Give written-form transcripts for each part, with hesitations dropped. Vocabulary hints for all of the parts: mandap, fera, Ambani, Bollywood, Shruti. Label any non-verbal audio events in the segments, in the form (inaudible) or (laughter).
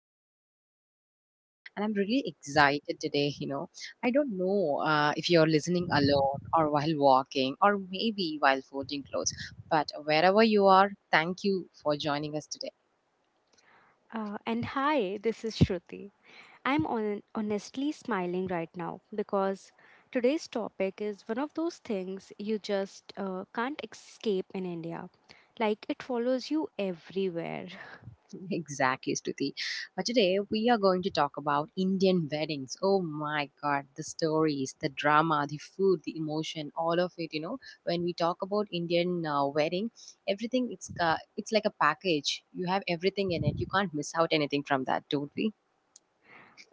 back to another episode. And I'm really excited today. I don't know if you're listening alone or while walking or maybe while folding clothes, but wherever you are, thank you for joining us today. And hi, this is Shruti. I'm on, honestly smiling right now because today's topic is one of those things you just can't escape in India. Like it follows you everywhere. (laughs) Exactly, Stuti. But today we are going to talk about Indian weddings. Oh my god, the stories, the drama, the food, the emotion, all of it. When we talk about Indian wedding, everything it's ca it's like a package. You have everything in it. You can't miss out anything from that, don't we?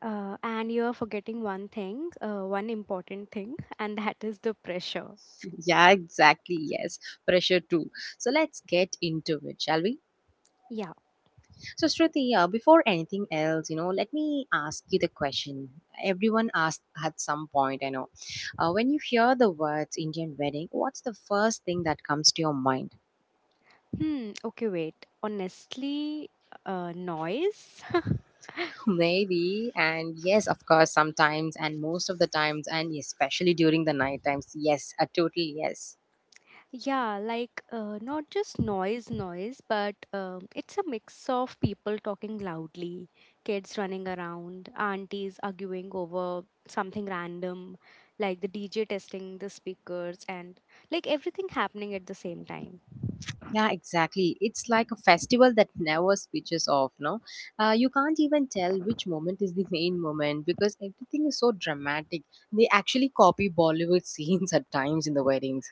And you are forgetting one thing, one important thing, (laughs) and that is the pressure. (laughs) yeah, exactly. Yes, pressure too. So let's get into it, shall we? Yeah. So, Shruti, yeah, before anything else, let me ask you the question. Everyone asked at some point, I know. When you hear the words Indian wedding, what's the first thing that comes to your mind? Hmm. Okay, wait. Honestly, noise? (laughs) Maybe, and yes, of course, sometimes, and most of the times, and especially during the night times, yes, a total yes. Yeah, like not just noise, but it's a mix of people talking loudly, kids running around, aunties arguing over something random, like the DJ testing the speakers, and like everything happening at the same time. Yeah, exactly. It's like a festival that never switches off, no? You can't even tell which moment is the main moment because everything is so dramatic. They actually copy Bollywood (laughs) scenes at times in the weddings.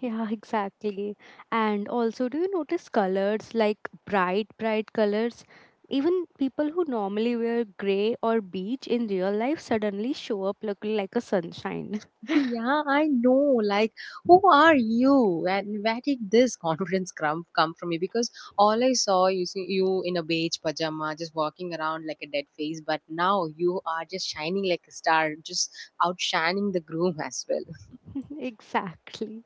Yeah, (laughs) exactly. And also, do you notice colors like bright colors? Even people who normally wear gray or beige in real life suddenly show up looking like a sunshine. (laughs) yeah, I know. Like, who are you? And where did this (laughs) confidence come from you? Because all I saw you see you in a beige pajama, just walking around like a dead face. But now you are just shining like a star, just outshining the groom (laughs) as well. (laughs) Exactly.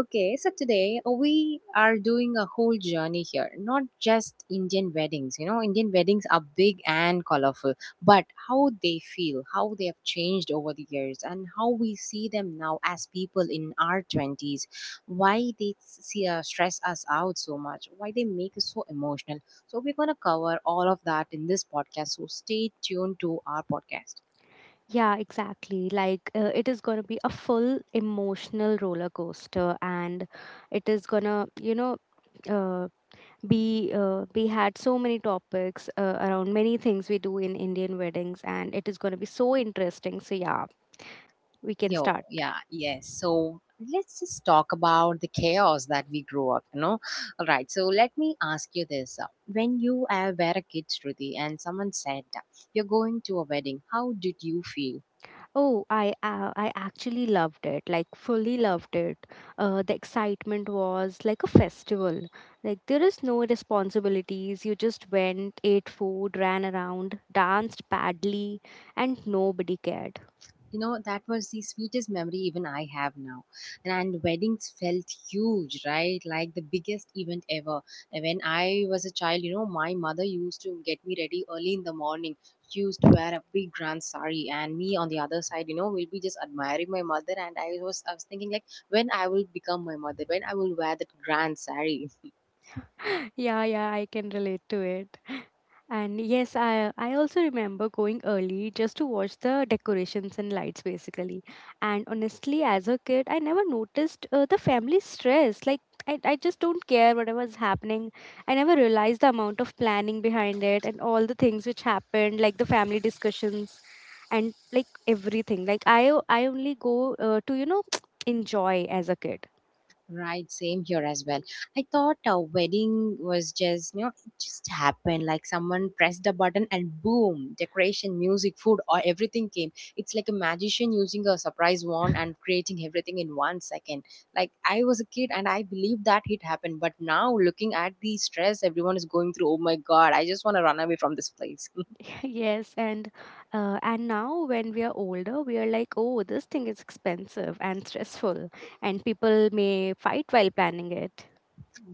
Okay, so today we are doing a whole journey here, not just Indian weddings. You know, Indian weddings are big and colorful, but how they feel, how they have changed over the years, and how we see them now as people in our 20s, why they stress us out so much, why they make us so emotional. So, we're going to cover all of that in this podcast. So, stay tuned to our podcast. Yeah, exactly. Like it is going to be a full emotional roller coaster, and it is going to, you know, uh, be we had so many topics around many things we do in Indian weddings, and it is going to be so interesting. So yeah, we can Yo, start. yeah, yes. So let's just talk about the chaos that we grew up, you know? All right, so let me ask you this. When you were a kid, Shruti, and someone said, you're going to a wedding, how did you feel? Oh, I actually loved it, like fully loved it. The excitement was like a festival. Like there is no responsibilities. You just went, ate food, ran around, danced badly, and nobody cared. You know that was the sweetest memory even I have now, and weddings felt huge, right? Like the biggest event ever. And when I was a child, you know, my mother used to get me ready early in the morning. She used to wear a big grand sari, and me on the other side, you know, will be just admiring my mother. And I was thinking like when I will become my mother, when I will wear that grand sari. (laughs) (gasps) (laughs) Yeah, yeah, I can relate to it. And yes, I also remember going early just to watch the decorations and lights basically. And honestly, as a kid, I never noticed the family stress. Like I just don't care whatever's happening. I never realized the amount of planning behind it and all the things which happened, like the family discussions and like everything. I only go to (tsk) enjoy as a kid. Right, same here as well. I thought a wedding was just, you know, it just happened like someone pressed the button and boom, decoration, music, food, or everything came. It's like a magician using a surprise wand and creating everything in 1 second. Like I was a kid and I believed that it happened, but now looking at the stress everyone is going through, oh my god, I just want to run away from this place. Yes, and now when we are older, we are like, oh, this thing is expensive and stressful, and people may fight while planning it.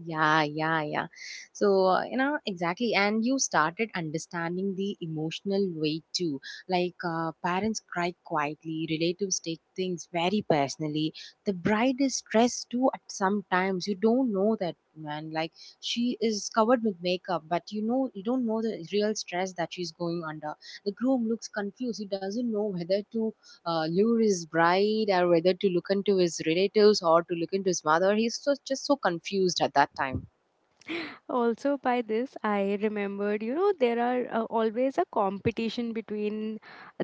Yeah, yeah, yeah. So, And you started understanding the emotional weight too. Like, parents cry quietly, relatives take things very personally. The bride is stressed too at sometimes. You don't know that, man. Like, she is covered with makeup, but you know, you don't know the real stress that she's going under. The groom looks confused. He doesn't know whether to lure his bride or whether to look into his relatives or to look into his mother. He's so, just so confused at that time. Also, by this, I remembered, you know, there are always a competition between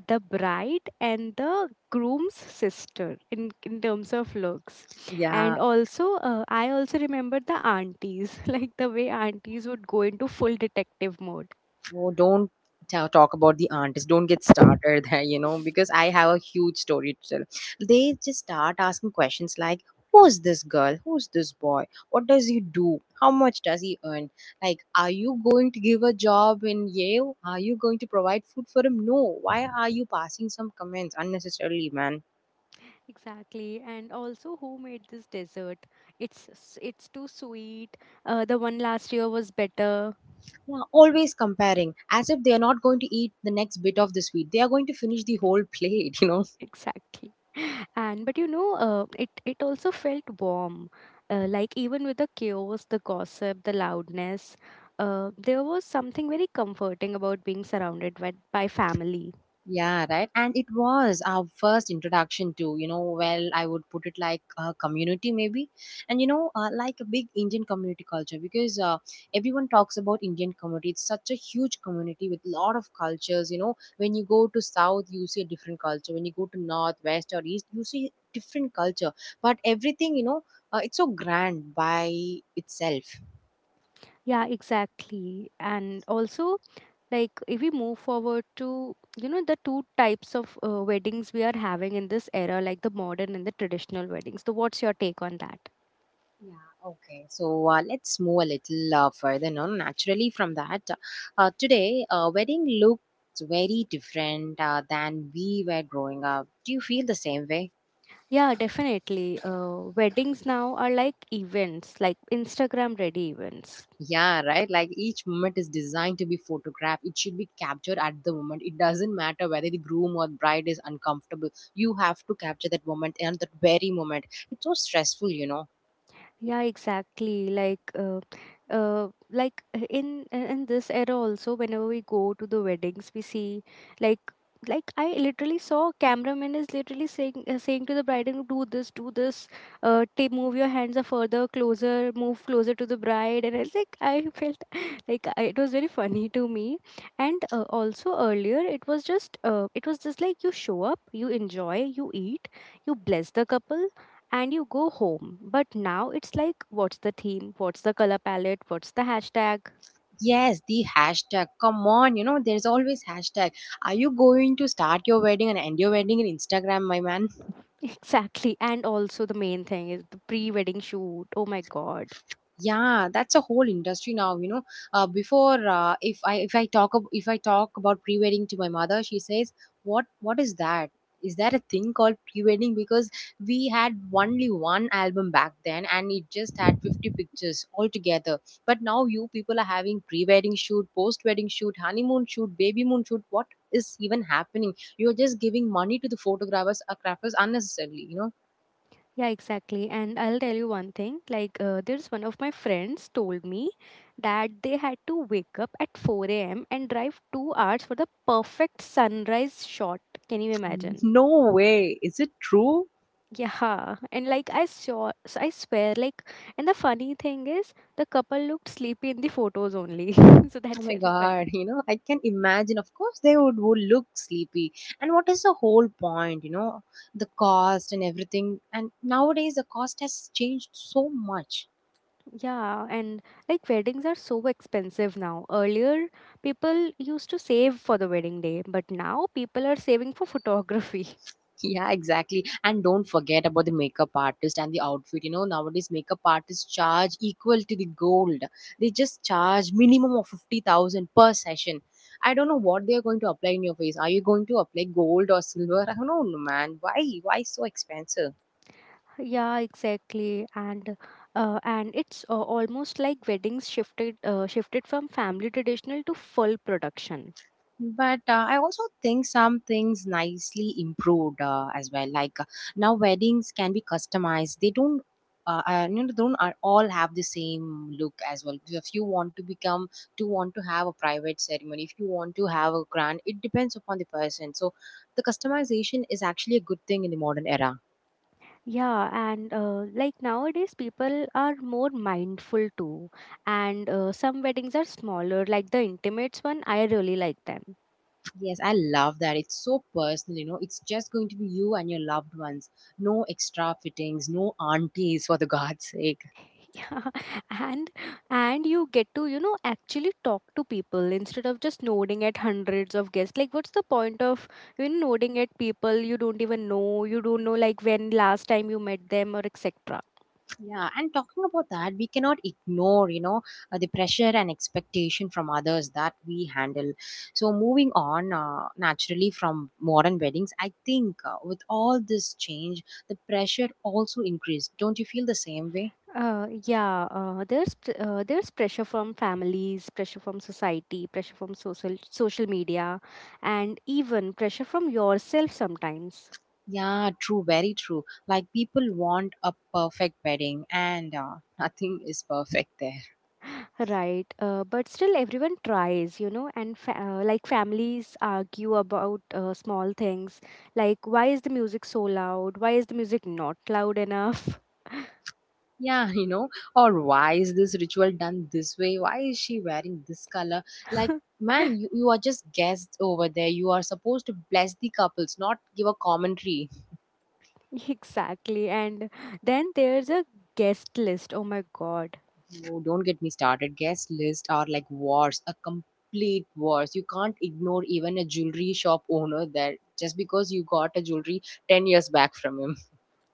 the bride and the groom's sister in terms of looks, and Yeah, also I also remember the aunties, (laughs) like the way aunties would go into full detective mode. oh, don't talk about the aunties. Don't get started (laughs) there, you know, because I have a huge story to tell. They just start asking questions like, who's this girl? Who's this boy? What does he do? How much does he earn? Like, are you going to give a job in Yale? Are you going to provide food for him? No. Why are you passing some comments unnecessarily, man? Exactly, and also who made this dessert? It's too sweet. The one last year was better. Yeah, always comparing as if they are not going to eat the next bit of the sweet. They are going to finish the whole plate, (laughs) you know. Exactly, (laughs) and but you know, it also felt warm. Like even with the chaos, the gossip, the loudness, there was something very comforting about being surrounded by family. Yeah, right. And it was our first introduction to, you know, well, I would put it like a community maybe. And, like a big Indian community culture, because everyone talks about Indian community. It's such a huge community with lot of cultures, you know. When you go to South, you see a different culture. When you go to North, West or East, you see different culture. But everything, it's so grand by itself. Yeah, exactly, and also like if we move forward to, you know, the two types of weddings we are having in this era, like the modern and the traditional weddings, so what's your take on that? Yeah, okay. So let's move a little further now. Naturally, from that, today, wedding looks very different than we were growing up. Do you feel the same way? Yeah, definitely, weddings now are like events, like Instagram ready events. Yeah, right? Like each moment is designed to be photographed. It should be captured at the moment. It doesn't matter whether the groom or bride is uncomfortable. You have to capture that moment and that very moment. It's so stressful, you know. Yeah, exactly. Like in this era also, whenever we go to the weddings, we see like I literally saw a cameraman is literally saying saying to the bride, and do this, take move your hands are further closer, move closer to the bride, and I was like I felt (laughs) like I, it was very funny to me, and also earlier it was just it was just like you show up, you enjoy, you eat, you bless the couple and you go home. But now it's like, what's the theme? What's the color palette? What's the hashtag? Yes, the hashtag. Come on, you know, there's always hashtag. Are you going to start your wedding and end your wedding in Instagram, my man? (laughs) Exactly. And also, the main thing is the pre wedding shoot. Oh my God. Yeah, that's a whole industry now. You know, before if I talk ab- if I talk about pre wedding to my mother, she says, "What is that? Is that a thing called pre wedding?" Because we had only one album back then, and it just had 50 pictures altogether. But now you people are having pre wedding shoot, post wedding shoot, honeymoon shoot, baby moon shoot. What is even happening? You are just giving money to the photographers, crafters unnecessarily. You know, Yeah, exactly. And I'll tell you one thing, like, there's one of my friends told me that they had to wake up at 4 a.m. and drive 2 hours for the perfect sunrise shot. Can you (laughs) imagine? no way. Is it true? Yeah, and like I swear, like, and the funny thing is, the couple looked sleepy in the photos only. (laughs) So Oh that's my very funny. god, (laughs) you know, I can imagine. Of course, they would look sleepy. And what is the whole point, you know, the cost and everything. And nowadays, the cost has changed so much. (laughs) Yeah, and like weddings are so expensive now. Earlier, people used to save for the wedding day, but now people are saving for photography. (laughs) Yeah, exactly. And don't forget about the makeup artist and the outfit. You know, nowadays, makeup artists charge equal to the gold. They just charge minimum of 50,000 per session. I don't know what they are going to apply in your face. Are you going to apply gold or silver? (laughs) I don't know, man. Why? Why so expensive? Yeah, exactly. And it's almost like weddings shifted from family traditional to full production. But I also think some things nicely improved as well. Like now, weddings can be customized. They don't, you know, don't are- All have the same look as well. If you want to become, To want to have a private ceremony, if you want to have a grand, it depends upon the person. So, the customization is actually a good thing in the modern era. Yeah, and like nowadays, people are more mindful too. And some weddings are smaller, like the intimates one, I really like them. Yes, I love that. It's so personal. You know, it's just going to be you and your loved ones. No extra fittings, no aunties for the (laughs) God's sake. (laughs) Yeah, and you get to, you know, actually talk to people instead of just nodding at hundreds of guests. Like, what's the point of, you know, nodding at people you don't even know, you don't know like when last time you met them or etc. Yeah, and talking about that, we cannot ignore, you know, the pressure and expectation from others that we handle. So, moving on naturally from modern weddings, I think with all this change, the pressure also increased. Don't you feel the same way? Yeah, there's pressure from families, pressure from society, pressure from social media, and even pressure from yourself sometimes. Yeah, true, very true. Like people want a perfect wedding, and (laughs) nothing is perfect there. (laughs) Right, but still everyone tries, you know, and like families argue about small things, like why is the music so loud? Why is the music not loud enough? Yeah, (laughs) you know, or why is this ritual done this way? Why is she wearing this color? Like, (laughs) man, you are just guests over there. You are supposed to bless the couples, not give a commentary. Exactly, and then there's a guest list. Oh my god. No, don't get me started. Guest lists are like wars, a complete wars. You can't ignore even a jewelry shop owner there just because you got a jewelry 10 years back from him.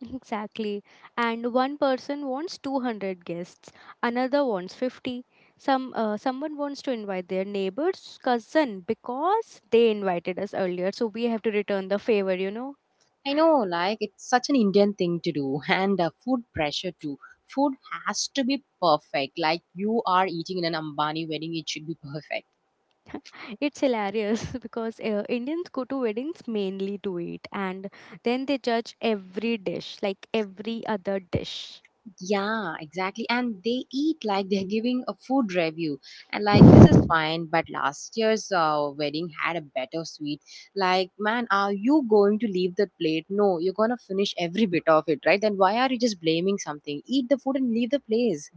Exactly. And one person wants 200 guests, another wants 50. Someone wants to invite their neighbor's cousin because they invited us earlier, so we have to return the favor, you know. I know, like it's such an Indian thing to do, (laughs) and food pressure too. Food has to be perfect. Like you are eating in an Ambani wedding, it should be perfect. (laughs) It's hilarious (laughs) because Indians go to weddings mainly to eat and then they judge every dish, like every other dish. Yeah, exactly. And they eat like they're giving a food review, and like this is fine. But last year's wedding had a better sweet. Like, man, are you going to leave that plate? No, you're gonna finish every bit of it, right? Then why are you just blaming something? Eat the food and leave the place.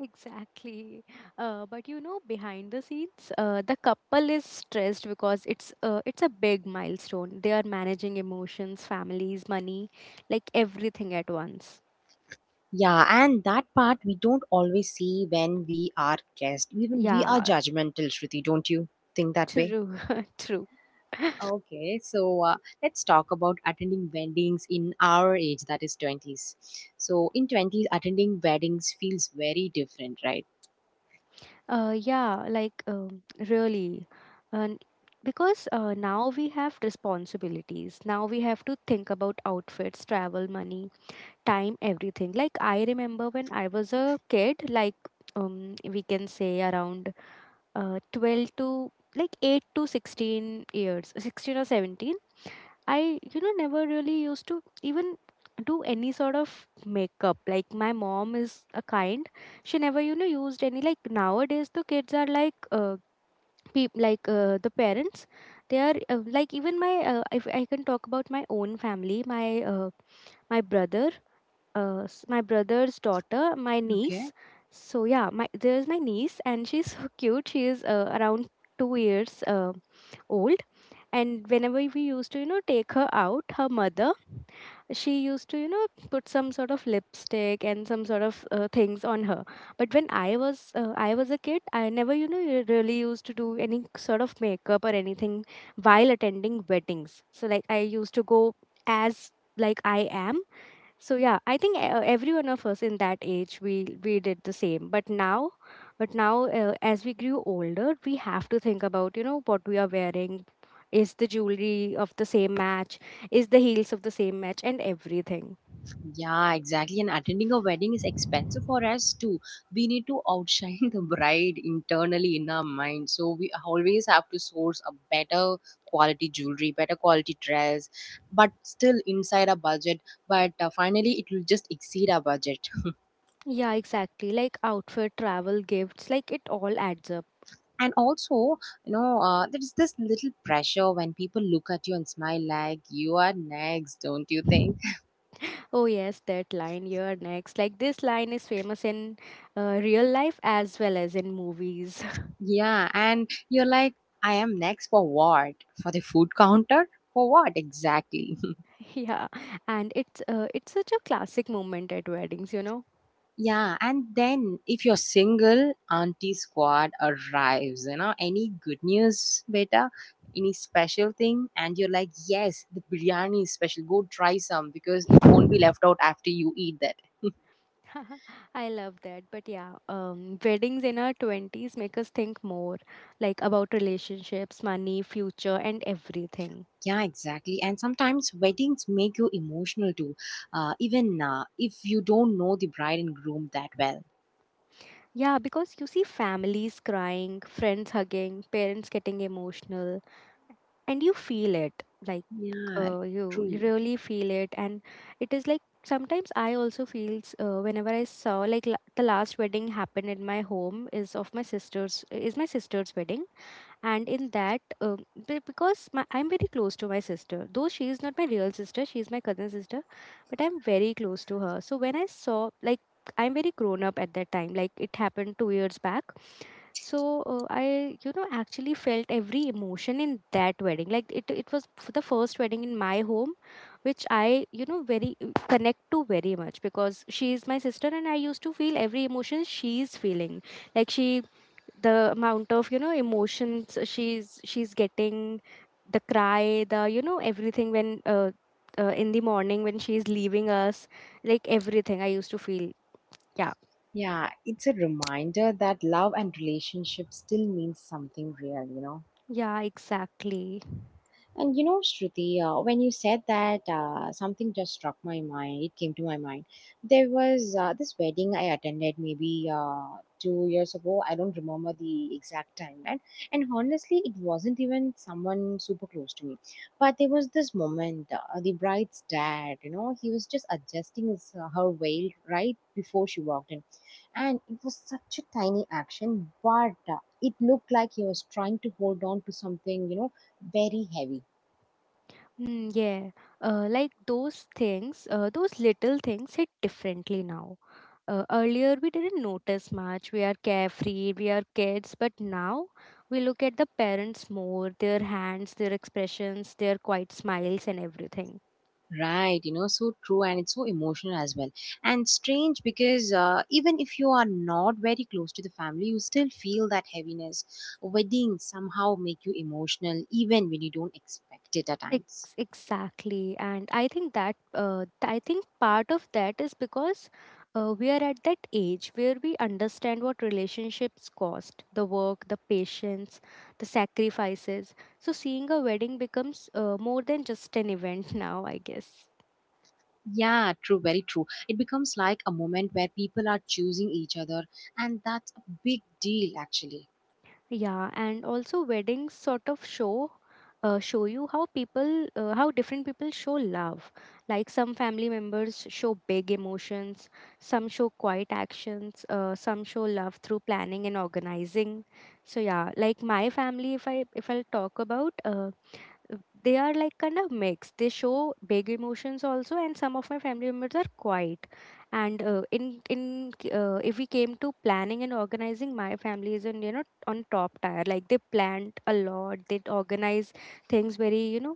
Exactly. But you know, behind the scenes, the couple is stressed because it's a big milestone. They are managing emotions, families, money, like everything at once. Yeah, and that part we don't always see when we are guests. Even we are Yeah, judgmental, Shruti, don't you think that way? true, (laughs) true. Okay, so let's talk about attending weddings in our age, that is 20s. So, in 20s, attending weddings feels very different, right? Yeah, like really, and because now we have responsibilities. Now we have to think about outfits, travel, money, time, everything. Like I remember when I was a kid, like um, we can say around 12 to like 8 to 16 years, 16 or 17, I, you know, never really used to even do any sort of makeup. Like my mom is a kind, she never, you know, used any, like nowadays the kids are like, the parents, they are like, even my if I can talk about my own family, my uh, my brother, my brother's daughter, my Okay. niece. So yeah, my there's my niece, and she's (laughs) so cute. She is around 2 years old, and whenever we used to, you know, take her out, her mother, she used to, you know, put some sort of lipstick and some sort of things on her. But when I was a kid, I never, you know, really used to do any sort of makeup or anything while attending weddings. So like I used to go as like I am. So yeah, I think every one of us in that age we did the same. But now as we grew older, we have to think about, you know, what we are wearing, is the jewelry of the same match, is the heels of the same match, and everything. Yeah, exactly. And attending a wedding is expensive for us too. We need to outshine (laughs) the bride internally in our mind. So we always have to source a better quality jewelry, better quality dress, but still inside our budget. But finally, it will just exceed our budget. Yeah, exactly. Like outfit, travel, gifts, like it all adds up. And also, you know, there is this little pressure when people look at you and smile like you are next, don't you think? Oh yes, that line. You're next. Like this line is famous in real life as well as in movies. Yeah, and you're like, I am next for what? For the food counter? For what exactly? (laughs) Yeah, and it's such a classic moment at weddings. You know. (laughs) Yeah, and then if you're single, Auntie Squad arrives, you know, any good news, beta? Any special thing, and you're like, yes, the biryani is special. Go try some because it won't be left out after you eat that. (laughs) I love that. But yeah, weddings in our 20s make us think more, like about relationships, money, future, and everything. Yeah, exactly. And sometimes weddings make you emotional too, even if you don't know the bride and groom that well. Yeah, because you see families crying, friends hugging, parents getting emotional, and you feel it. Like Yeah, you true. really feel it. And it is like sometimes I also feels whenever I saw the last wedding happened in my home is of my sister's wedding. And in that, because I'm very close to my sister, though she is not my real sister, she is my cousin sister, but I'm very close to her. So when I saw, like, I'm very grown up at that time, like it happened 2 years back. So I, actually felt every emotion in that wedding. Like it was the first wedding in my home, which I, very connect to very much, because she is my sister and I used to feel every emotion she is feeling. Like she, the amount of emotions she's getting, the cry, the, everything, when in the morning when she's leaving us, like everything I used to feel. Yeah. Yeah, it's a reminder that love and relationship still means something real, you know. Yeah, exactly. And you know, Shruti, when you said that, something just struck my mind. It came to my mind. There was this wedding I attended maybe 2 years ago. I don't remember the exact time, and honestly, it wasn't even someone super close to me. But there was this moment. The bride's dad, you know, he was just adjusting his, her veil right before she walked in, and it was such a tiny action, but it looked like he was trying to hold on to something, you know, very heavy. Mm, yeah. Like those things, those little things hit differently now. Earlier we didn't notice much, we are carefree, we are kids, but now we look at the parents more, their hands, their expressions, their quiet smiles, and everything. Right, you know, so true, and it's so emotional as well. And strange, because even if you are not very close to the family, you still feel that heaviness. Weddings somehow make you emotional even when you don't expect it at times. Exactly, and I think that I think part of that is because we are at that age where we understand what relationships cost, the work, the patience, the sacrifices. So seeing a wedding becomes, more than just an event (laughs) now, I guess. Yeah, true, very true. It becomes like a moment where people are choosing each other, and that's a big deal actually. Yeah, and also weddings sort of show, show you how people, how different people show love. Like some family members show big emotions, some show quiet actions, some show love through planning and organizing. So yeah, like my family, if I'll talk about, they are like kind of mixed, they show big emotions also, and some of my family members are quiet. And if we came to planning and organizing, my family is on, on top tier. Like they planned a lot, they organize things very,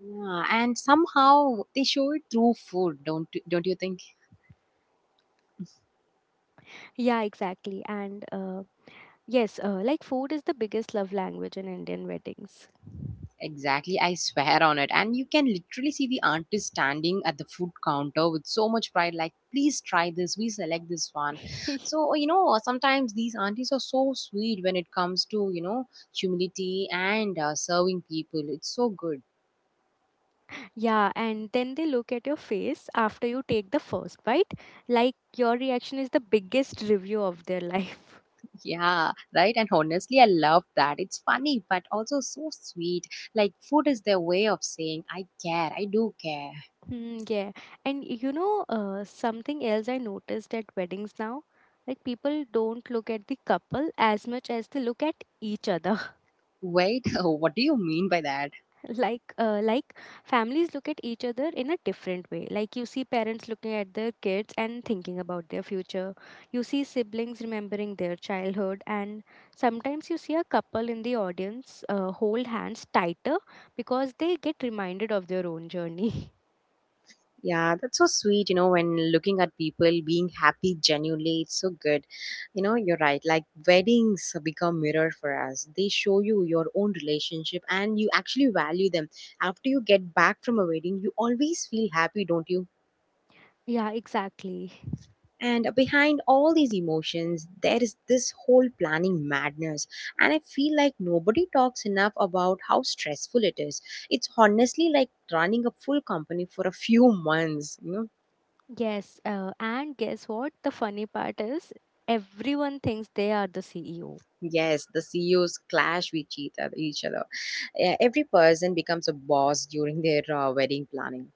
Yeah, and somehow they show it through food, don't you think? yeah, exactly. And yes, like food is the biggest love language in Indian weddings. Exactly, I swear on it. And you can literally see the artist standing at the food counter with so much pride, like, please try this, we select this one. (laughs) So, you know, sometimes these aunties are so sweet when it comes to, you know, humility and serving people. It's so good. Yeah, and then they look at your face after you take the first bite, like your reaction is the biggest review of their (laughs) life. Yeah, right. And honestly, I love that. It's funny, but also so sweet. Like, food is their way of saying, I care, I do care. Hmm. Yeah. And you know, something else I noticed at weddings now, like people don't look at the couple as much as they look at each other. (laughs) Wait, (laughs) what do you mean by that? Like families look at each other in a different way. Like you see parents looking at their kids and thinking about their future. You see siblings remembering their childhood, and sometimes you see a couple in the audience hold hands tighter because they get reminded of their own journey. (laughs) Yeah, that's so sweet. You know, when looking at people being happy genuinely, it's so good. You know, you're right. Like weddings become mirror for us. They show you your own relationship and you actually value them. After you get back from a wedding, you always feel happy, don't you? Yeah, exactly. And behind all these emotions, there is this whole planning madness. And I feel like nobody talks enough about how stressful it is. It's honestly like running a full company for a few months, you know. Yes, and guess what? The funny part is everyone thinks they are the CEO. Yes, the CEOs clash with each other. Each other. Yeah, every person becomes a boss during their wedding planning.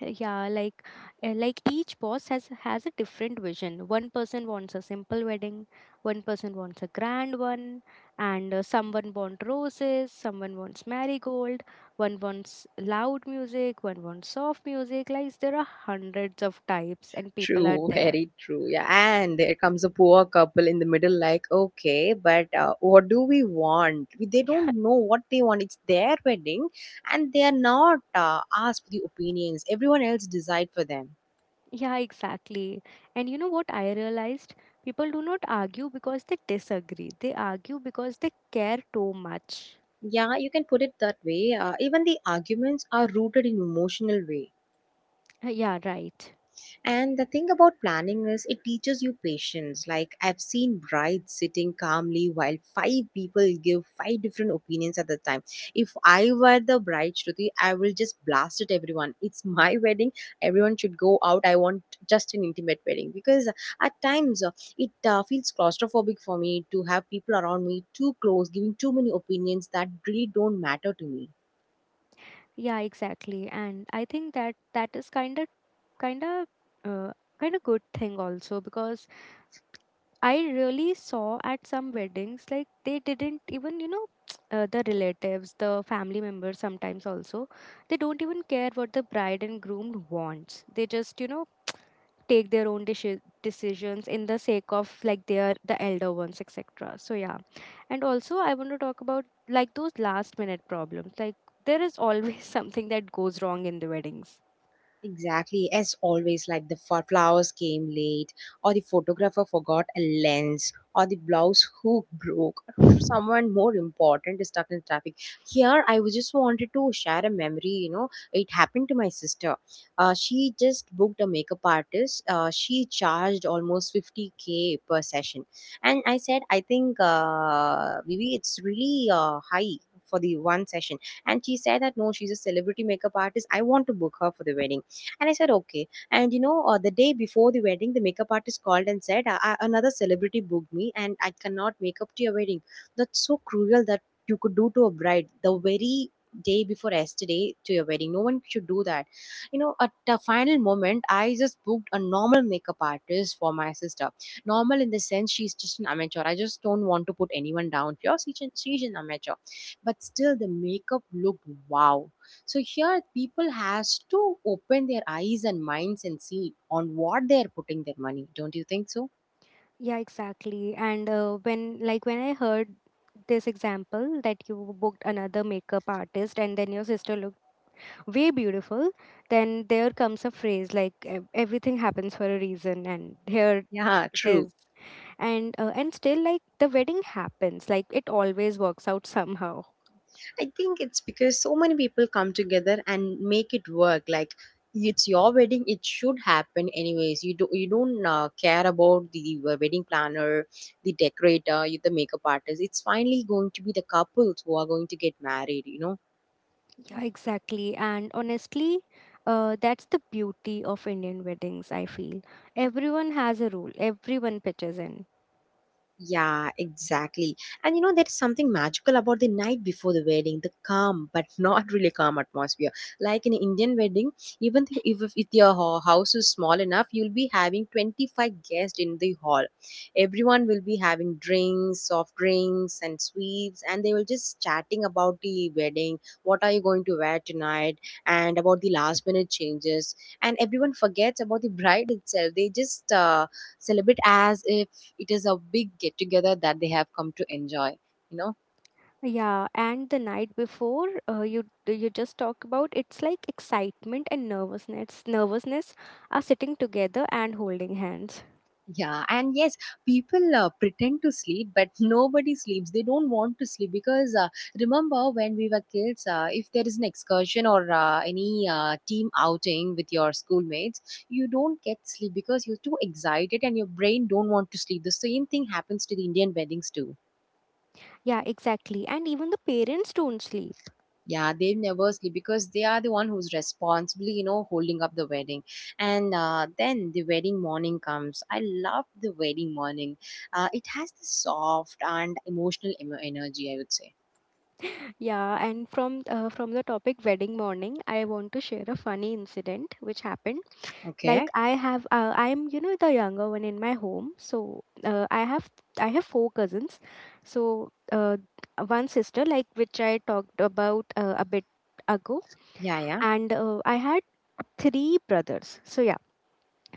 Yeah, like each boss has a different vision. One person wants a simple wedding, one person wants a grand one, and someone wants roses, someone wants marigold, one wants loud music, one wants soft music. Like there are hundreds of types, and people are True, there. very true. Yeah, and there comes a poor couple in the middle, like, okay, but what do we want? They don't (laughs) know what they want. It's their wedding, and they are not asked for the opinions. Everyone else decide for them. Yeah, exactly. And you know what I realized? People do not argue because they disagree. They argue because they care too much. Yeah, you can put it that way. Even the arguments are rooted in emotional way. Yeah, right. And the thing about planning is it teaches you patience. Like I've seen brides sitting calmly while five people give five different opinions at the time. If I were the bride, Shruti, I will just blast at everyone. It's (laughs) my wedding. Everyone should go out. I want just an intimate wedding because at times it feels claustrophobic for me to have people around me too close, giving too many opinions that really don't matter to me. Yeah, exactly. And I think that that is kind of kind of uh, kind of good thing also, because I really saw at some weddings, like they didn't even, you know, (tsk) the relatives, the family members sometimes also, they don't even care what the bride and groom wants. They just, you know, (tsk) take their own decisions in the sake of like their the elder ones, etc. So yeah, and also I want to talk about like those last minute problems. Like there is always (laughs) something that goes wrong in the weddings. Exactly, as always, like the flowers came late, or the photographer forgot a lens, or the blouse hook broke, or someone more important is stuck in traffic. Here, I was just wanted to share a memory. You know, it happened to my sister. She just booked a makeup artist. She charged almost 50K per session, and I said, I think, maybe it's really high for the one session. And she said that no, she's a celebrity makeup artist. I want to book her for the wedding, and I said, okay. And you know, the day before the wedding, the makeup artist called and said, Another celebrity booked me and I cannot make up to your wedding." That's so cruel that you could do to a bride the very day before yesterday to your wedding. No one should do that. You know, at the final moment, I just booked a normal makeup artist for my sister. Normal in the sense she's just an amateur. I just don't want to put anyone down here. She's an amateur. But still, the makeup looked wow, so here people has to open their eyes and minds and see on what they are putting their money. Don't you think so? Yeah, exactly. And when when I heard this example that you booked another makeup artist and then your sister looked way beautiful, then there comes a phrase like, Everything happens for a reason," and here Yeah, it true. is. And still like the wedding happens, like it always works out somehow. I think it's because so many people come together and make it work. Like it's your wedding, it should happen anyways. You don't care about the wedding planner, the decorator, the makeup artist. It's finally going to be the couples who are going to get married. You know. Yeah, exactly. And honestly, that's the beauty of Indian weddings, I feel. Everyone has a rule, everyone pitches in. Yeah, exactly. And you know, there's something magical about the night before the wedding, the calm, but (laughs) not really calm atmosphere. Like in an Indian wedding, even if, your house is small enough, you'll be having 25 guests in the hall. Everyone will be having drinks, soft drinks, and sweets, and they will just chatting about the wedding, what are you going to wear tonight, and about the last minute changes. And everyone forgets about the bride itself. They just celebrate as if it is a big get together that they have come to enjoy, you know. Yeah, and the night before, you just talk about, it's like excitement and nervousness. Nervousness are sitting together and holding hands. Yeah, and yes, people pretend to sleep, but (laughs) nobody sleeps. They don't want to sleep because remember when we were kids, if there is an excursion or any team outing with your schoolmates, you don't get sleep because you're too excited and your brain don't want to sleep. The same thing happens to the indian weddings too. Yeah, exactly. And even the parents don't sleep. Yeah, they never sleep because they are the one who's responsibly, you know, holding up the wedding. And then the wedding morning comes. I love the wedding morning. It has the soft and emotional emo energy, I would say. Yeah, and from, from the topic wedding morning, I want to share a funny incident which happened. Like Okay. I have, I'm you know the younger one in my home, so I have 4 cousins. So one sister, like which I talked about a bit ago, Yeah, yeah. and I had 3 brothers. So yeah,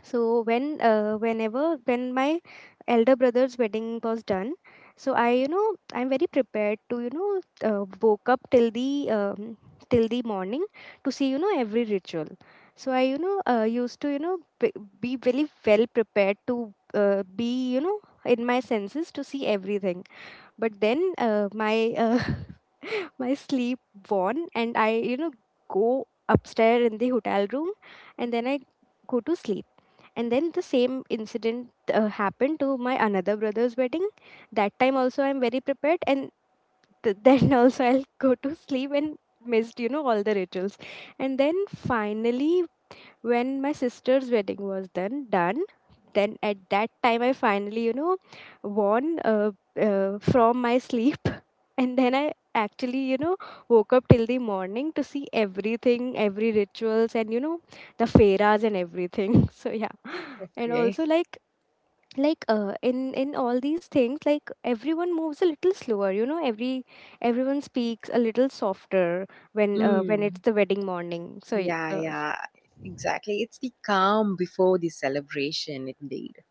so when whenever when my elder brother's wedding was done, so I, you know, I'm very prepared to, you know, woke up till the morning to see, you know, every ritual. So I, you know, used to, you know, be very well prepared to be, you know, in my senses to see everything. But then my (laughs) my sleep won, and I, you know, go upstairs in the hotel room, and then I go to sleep. And then the same incident happened to my another brother's wedding. That time also I'm very prepared, and (laughs) then also I'll go to sleep and missed, you know, all the rituals. And then finally when my sister's wedding was then done, then at that time I finally, you know, won from my sleep. (laughs) And then I actually, you know, woke up till the morning to see everything, every rituals, and you know, the feras and everything. (laughs) So yeah, and Okay. also like in all these things, like everyone moves a little slower, you know, every, everyone speaks a little softer when when it's Mm. the wedding morning. So Yeah, yeah, exactly. It's the calm before the celebration indeed.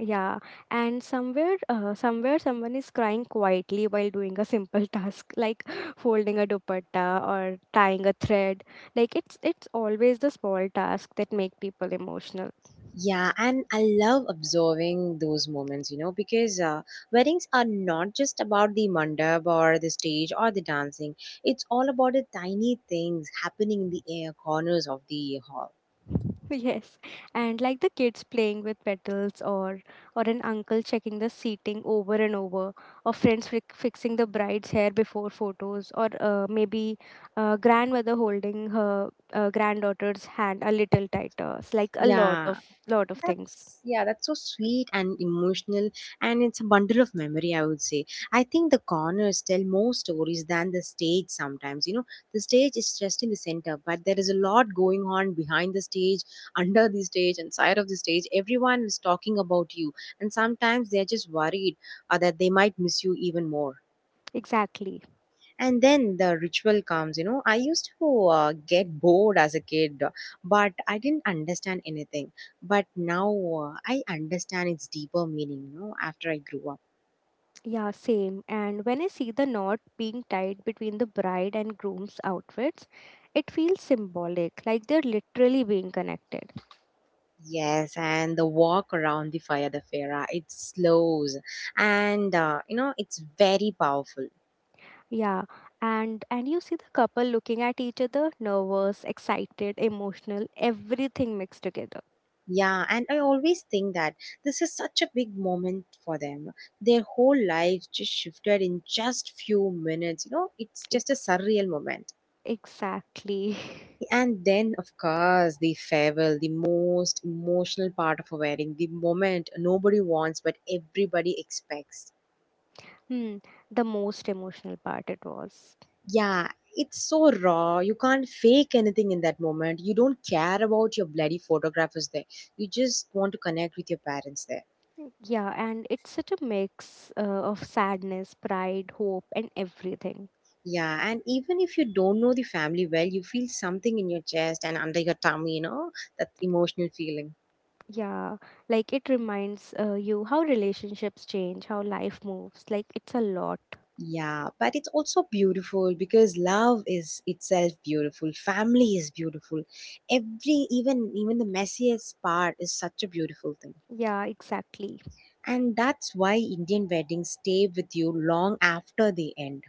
yeah, and somewhere, somewhere, someone is crying quietly while doing a simple task, like (laughs) folding a dupatta or tying a thread. Like it's always the small tasks that make people emotional. Yeah, and I love observing those moments, you know, because weddings are not just about the mandap or the stage or the dancing. It's all about the tiny things happening in the air corners of the hall. (laughs) Yes, and like the kids playing with petals, or an uncle checking the seating over and over, or friends fixing the bride's hair before photos, or maybe grandmother holding her granddaughter's hand a little tighter. It's like a lot of, Yeah. lot of things. That's, yeah, that's so sweet and emotional, and it's a bundle of memory, I would say. I think the corners tell more stories than the stage sometimes. You know, the stage is just in the center, but there is a lot going on behind the stage, under the stage, and side of the stage. Everyone is talking about you, and sometimes they're just worried that they might miss you even more. Exactly. And then the ritual comes. You know, I used to get bored as a kid, but I didn't understand anything. But now I understand its deeper meaning, you know, after I grew up. Yeah, same. And when I see the knot being tied between the bride and groom's outfits, it feels symbolic, like they're literally being connected. Yes, and the walk around the fire, the fera, it slows, and you know, it's very powerful. Yeah, and you see the couple looking at each other, nervous, excited, emotional, everything mixed together. Yeah, and I always think that this is such a big moment for them. Their whole life just shifted in just few minutes, you know. It's just a Ex- surreal moment. exactly. (laughs) And then, of course, the farewell, the most emotional part of a wedding, the moment nobody wants but everybody expects. Hmm, the most emotional part it was. Yeah, it's so raw. You can't fake anything in that moment. You don't care about your bloody photographers there. You just want to connect with your parents there. Yeah, and it's such a mix, of sadness, pride, hope, and everything. Yeah, and even if you don't know the family well, you feel something in your chest and under your tummy, you know, that emotional feeling. Yeah, like it reminds, you how relationships change, how life moves. Like it's a lot. Yeah, but it's also beautiful because love is itself beautiful. Family is beautiful. Every even Even the messiest part is such a beautiful thing. Yeah, exactly. And that's why Indian weddings stay with you long after they end.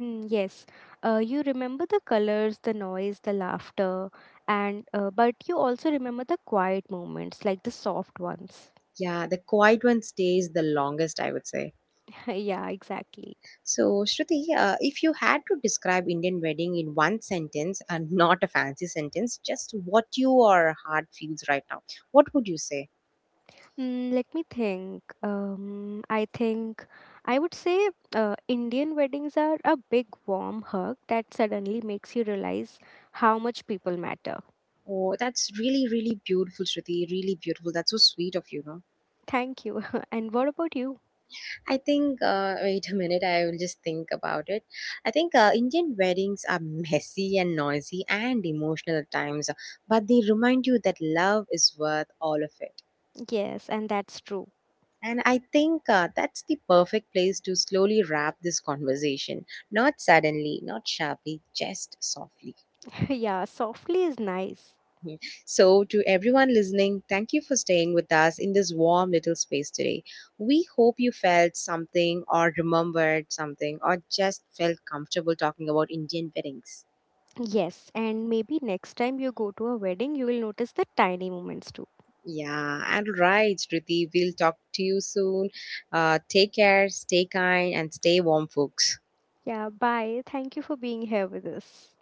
Mm, yes, you remember the colors, the noise, the laughter, and but you also remember the quiet moments, like the soft ones. Yeah, the quiet one stays the longest, I would say. (laughs) Yeah, exactly. So, Shruti, if you had to describe Indian wedding in one sentence, and (laughs) not a fancy sentence, just what your heart feels right now, what would you say? Mm, let me think. I think I would say, Indian weddings are a big warm hug that suddenly makes you realize how much people matter. Oh, that's really, really beautiful, Shruti. Really beautiful. That's so sweet of you. No, Thank you. (laughs) And what about you? I think, wait a minute, I will just think about it. I think Indian weddings are messy and noisy and emotional at times, but they remind you that love is worth all of it. Yes, and that's true. And I think that's the perfect place to slowly wrap this conversation. Not suddenly, not sharply, just softly. (laughs) Yeah, softly is nice. Mhm. So, to everyone listening, thank you for staying with us in this warm little space today. We hope you felt something, or remembered something, or just felt comfortable talking about Indian weddings. Yes, and maybe next time you go to a wedding, you will notice the tiny moments too. Yeah, and right, Ruti, we'll talk to you soon. Take care, stay kind, and stay warm, folks. Yeah, bye. Thank you for being here with us.